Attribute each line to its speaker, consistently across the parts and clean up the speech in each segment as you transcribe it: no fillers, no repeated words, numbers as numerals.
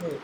Speaker 1: Hey,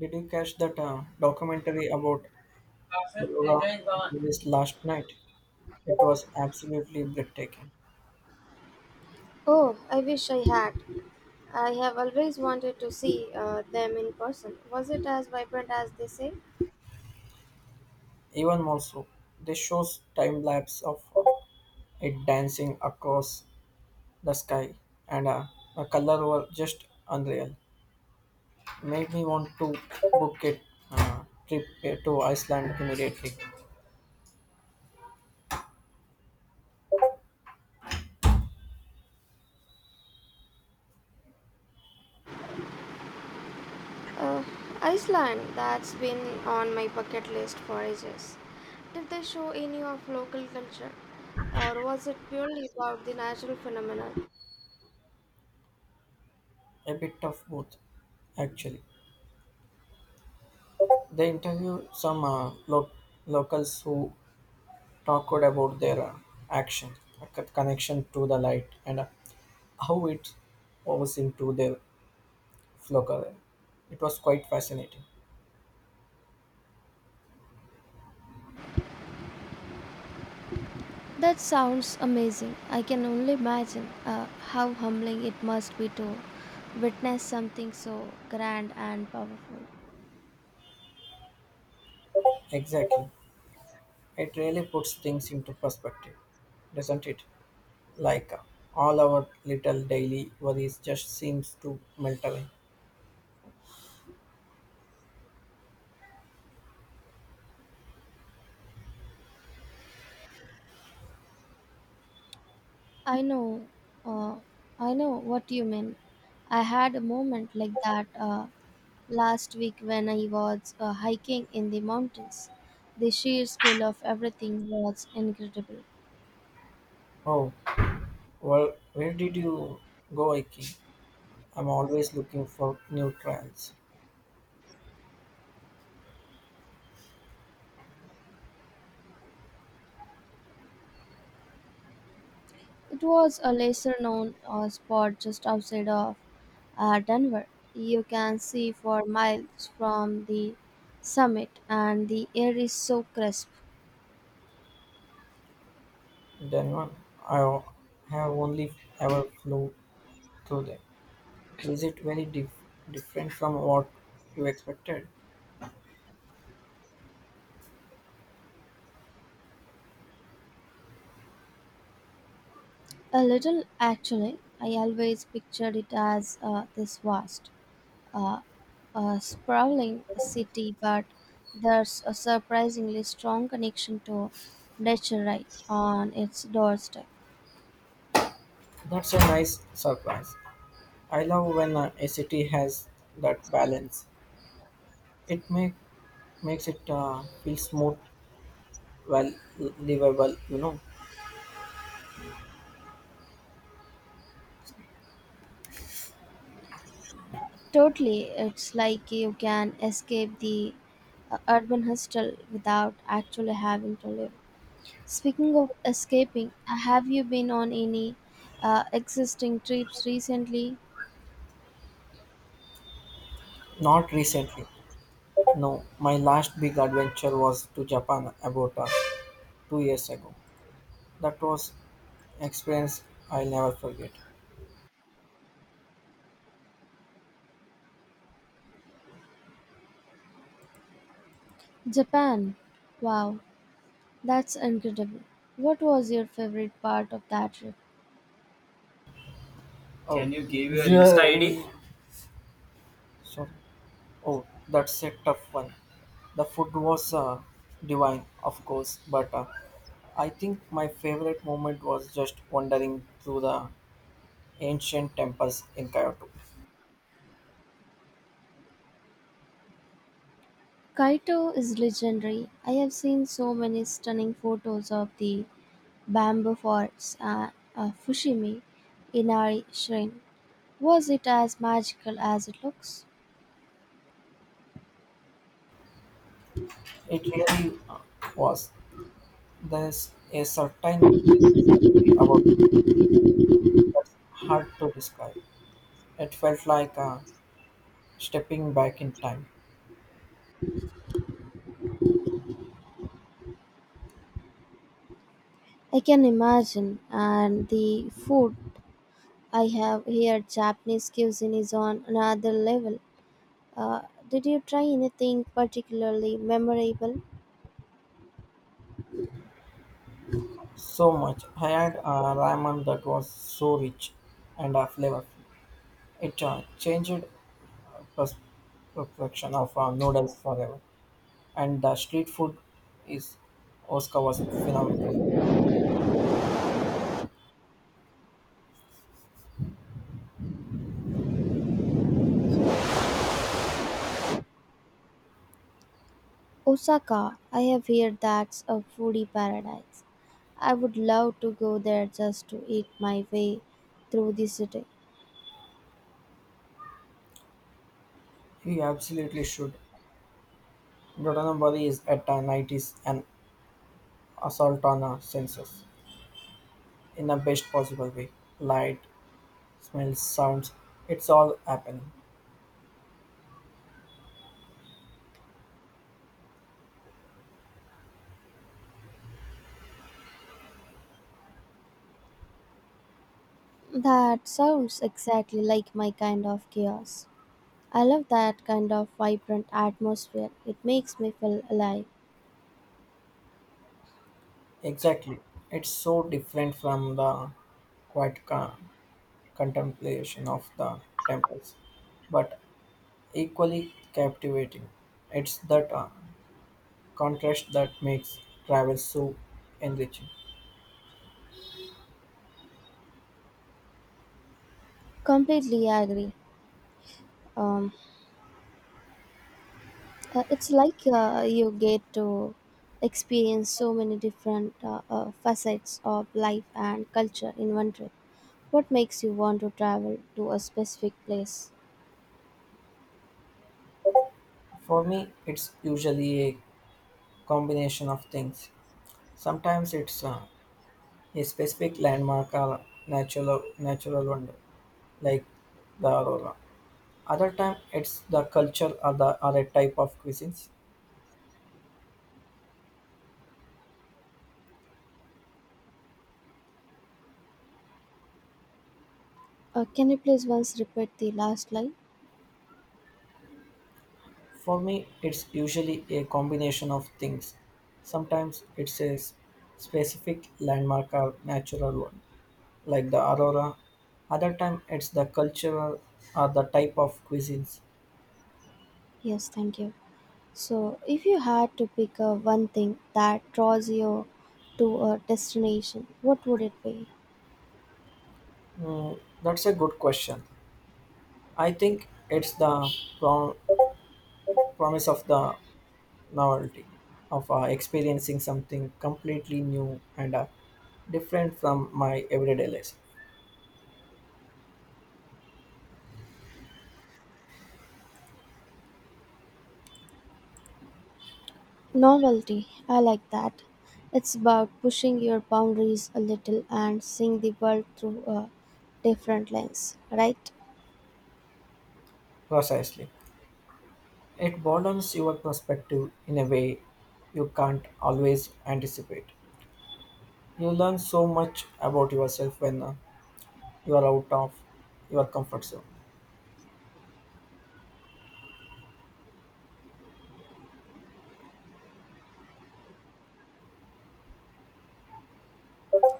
Speaker 1: did you catch that documentary about Laura released last night? It was absolutely breathtaking.
Speaker 2: Oh, I wish I had. I have always wanted to see them in person. Was it as vibrant as they say?
Speaker 1: Even more so, this shows time lapse of it dancing across the sky, and the color were just unreal. Made me want to book it uh, trip to Iceland immediately.
Speaker 2: Uh, Iceland, that's been on my bucket list for ages. Did they show any of local culture, or was it purely about the natural phenomenon?
Speaker 1: A bit of both, actually. They interviewed some locals who talked about their action, like a connection to the light, and how it was into their flow. Color. It was quite fascinating.
Speaker 2: That sounds amazing. I can only imagine how humbling it must be to witness something so grand and powerful.
Speaker 1: Exactly. It really puts things into perspective, doesn't it? Like uh, all our little daily worries just seems to melt away.
Speaker 2: I know, uh, I know what you mean. I had a moment like that last week when I was hiking in the mountains. The sheer scale of everything was incredible.
Speaker 1: Oh, well, where did you go, Iki? I'm always looking for new trials.
Speaker 2: It was a lesser known spot just outside of Denver. You can see for miles from the summit, and the air is so crisp.
Speaker 1: Then one, I have only ever flew through them. Is it very different from what you expected?
Speaker 2: A little, actually. I always pictured it as this vast uh, a sprawling city, but there's a surprisingly strong connection to nature right on its doorstep.
Speaker 1: That's a nice surprise. I love when a city has that balance. It make, Makes it feel smooth, well livable, you know.
Speaker 2: Totally, it's like you can escape the urban hustle without actually having to live. Speaking of escaping, have you been on any existing trips recently?
Speaker 1: Not recently. No, my last big adventure was to Japan about 2 years ago. That was experience I'll never forget.
Speaker 2: Japan. Wow, that's incredible. What was your favorite part of that trip?
Speaker 1: Oh, can you give your, yeah, Insta ID? Sorry. Oh, that's a tough one. The food was divine, of course, but I think my favorite moment was just wandering through the ancient temples in Kyoto.
Speaker 2: Kaito is legendary. I have seen so many stunning photos of the bamboo forests at Fushimi Inari Shrine. Was it as magical as it looks?
Speaker 1: It really was. There's a certain beauty about it that's hard to describe. It felt like stepping back in time.
Speaker 2: I can imagine, and the food I have here, Japanese cuisine, is on another level. Uh, did you try anything particularly memorable?
Speaker 1: So much. I had ramen that was so rich and flavorful. It changed the pers- perception of noodles forever, and the street food is Oscar was phenomenal.
Speaker 2: Osaka, I have heard that's a foodie paradise. I would love to go there just to eat my way through the city.
Speaker 1: He absolutely should. Dotonabari is at a 90s an assault on our senses in the best possible way. Light, smells, sounds, it's all happening.
Speaker 2: That sounds exactly like my kind of chaos. I love that kind of vibrant atmosphere. It makes me feel alive.
Speaker 1: Exactly. It's so different from the quiet contemplation of the temples, but equally captivating. It's that contrast that makes travel so enriching.
Speaker 2: Completely agree. Um, it's like you get to experience so many different facets of life and culture in one trip. What makes you want to travel to a specific place?
Speaker 1: For me, it's usually a combination of things. Sometimes it's a specific landmark or natural wonder, like the aurora. Other time it's the culture or the or a type of cuisines.
Speaker 2: Can you please once repeat the last line?
Speaker 1: For me, it's usually a combination of things. Sometimes it's specific landmark or natural one, like the aurora. Other time it's the cultural or the type of cuisines.
Speaker 2: Yes, thank you. So, if you had to pick a one thing that draws you to a destination, what would it be?
Speaker 1: Mm, that's a good question. I think it's the pro- promise of the novelty of experiencing something completely new and different from my everyday life.
Speaker 2: Novelty. I like that. It's about pushing your boundaries a little and seeing the world through a different lens, right?
Speaker 1: Precisely. It broadens your perspective in a way you can't always anticipate. You learn so much about yourself when you are out of your comfort zone.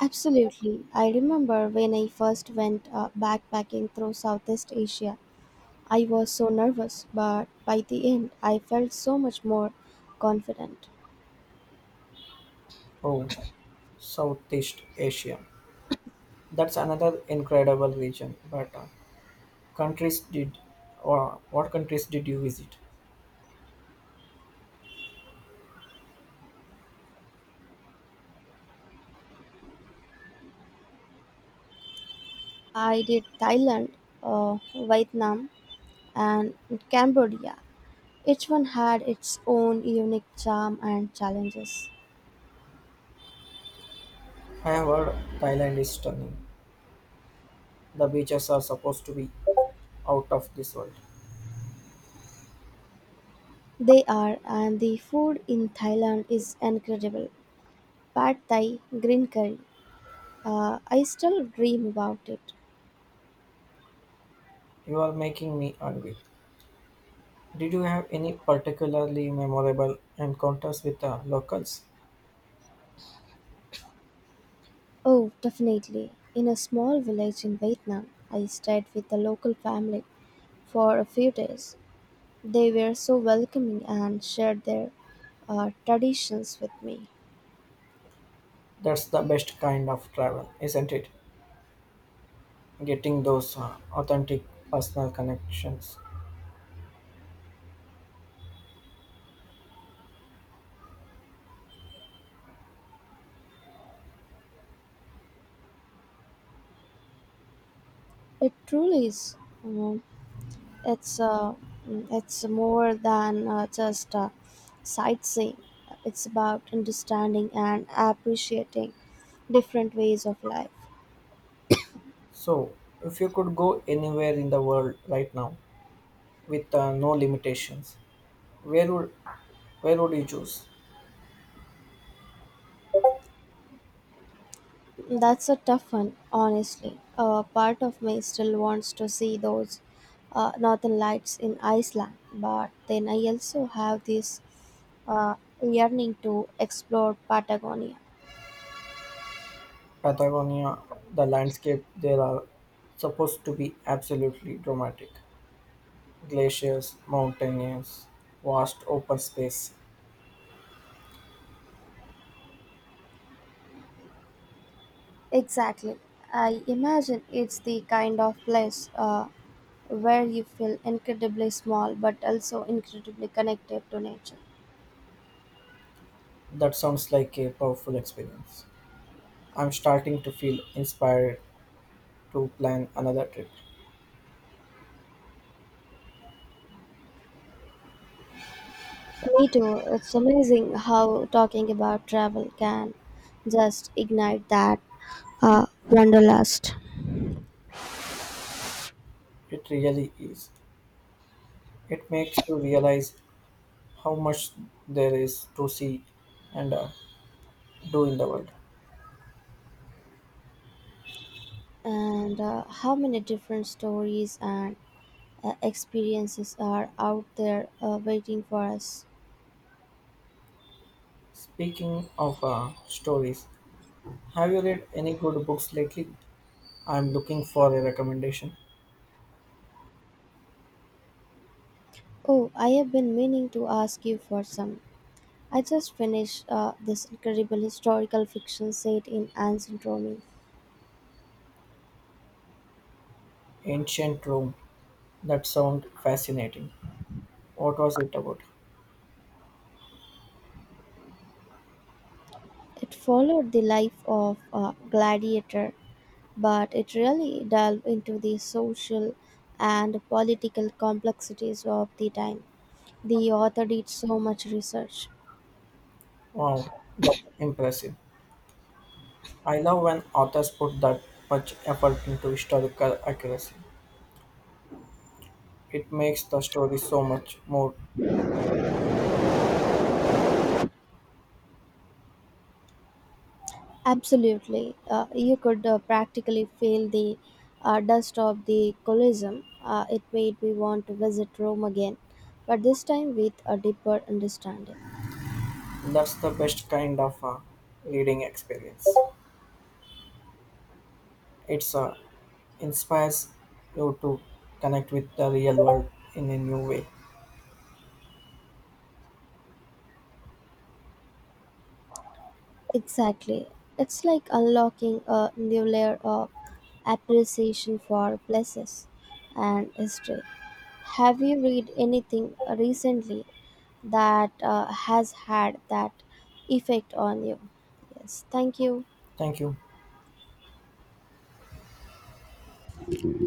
Speaker 2: Absolutely. I remember when I first went backpacking through Southeast Asia. I was so nervous, but by the end, I felt so much more confident.
Speaker 1: Oh, Southeast Asia. That's another incredible region. But countries did, or what countries did you visit?
Speaker 2: I did Thailand, Vietnam, and Cambodia. Each one had its own unique charm and challenges.
Speaker 1: I have heard Thailand is stunning. The beaches are supposed to be out of this world.
Speaker 2: They are, and the food in Thailand is incredible. Pad Thai, green curry. I still dream about it.
Speaker 1: You are making me hungry. Did you have any particularly memorable encounters with the locals?
Speaker 2: Oh, definitely. In a small village in Vietnam, I stayed with a local family for a few days. They were so welcoming and shared their traditions with me.
Speaker 1: That's the best kind of travel, isn't it? Getting those authentic personal connections.
Speaker 2: It truly is. Um, It's uh, mm, it's more than just sightseeing. It's about understanding and appreciating different ways of life.
Speaker 1: So, if you could go anywhere in the world right now with no limitations, where would where would you choose?
Speaker 2: That's a tough one, honestly. Part of me still wants to see those northern lights in Iceland, but then I also have this uh, yearning to explore Patagonia.
Speaker 1: Patagonia, the landscape there are supposed to be absolutely dramatic. Glaciers, mountaineers, vast open space.
Speaker 2: Exactly. I imagine it's the kind of place where you feel incredibly small but also incredibly connected to nature.
Speaker 1: That sounds like a powerful experience. I'm starting to feel inspired to plan another trip.
Speaker 2: Me too. It's amazing how talking about travel can just ignite that wanderlust.
Speaker 1: It really is. It makes you realize how much there is to see and do in the world.
Speaker 2: And how many different stories and experiences are out there waiting for us?
Speaker 1: Speaking of stories, have you read any good books lately? I'm looking for a recommendation.
Speaker 2: Oh, I have been meaning to ask you for some. I just finished this incredible historical fiction set in ancient Rome.
Speaker 1: Ancient Rome. That sounds fascinating. What was it about?
Speaker 2: It followed the life of a gladiator, but it really delved into the social and political complexities of the time. The author did so much research.
Speaker 1: Wow, that's impressive. I love when authors put that much effort into historical accuracy. It makes the story so much more.
Speaker 2: Absolutely. You could practically feel the dust of the Colosseum. It made me want to visit Rome again, but this time with a deeper understanding.
Speaker 1: That's the best kind of a reading experience. It's inspires you to connect with the real world in a new way.
Speaker 2: Exactly. It's like unlocking a new layer of appreciation for places and history. Have you read anything recently that has had that effect on you? Yes, thank you.
Speaker 1: Thank you.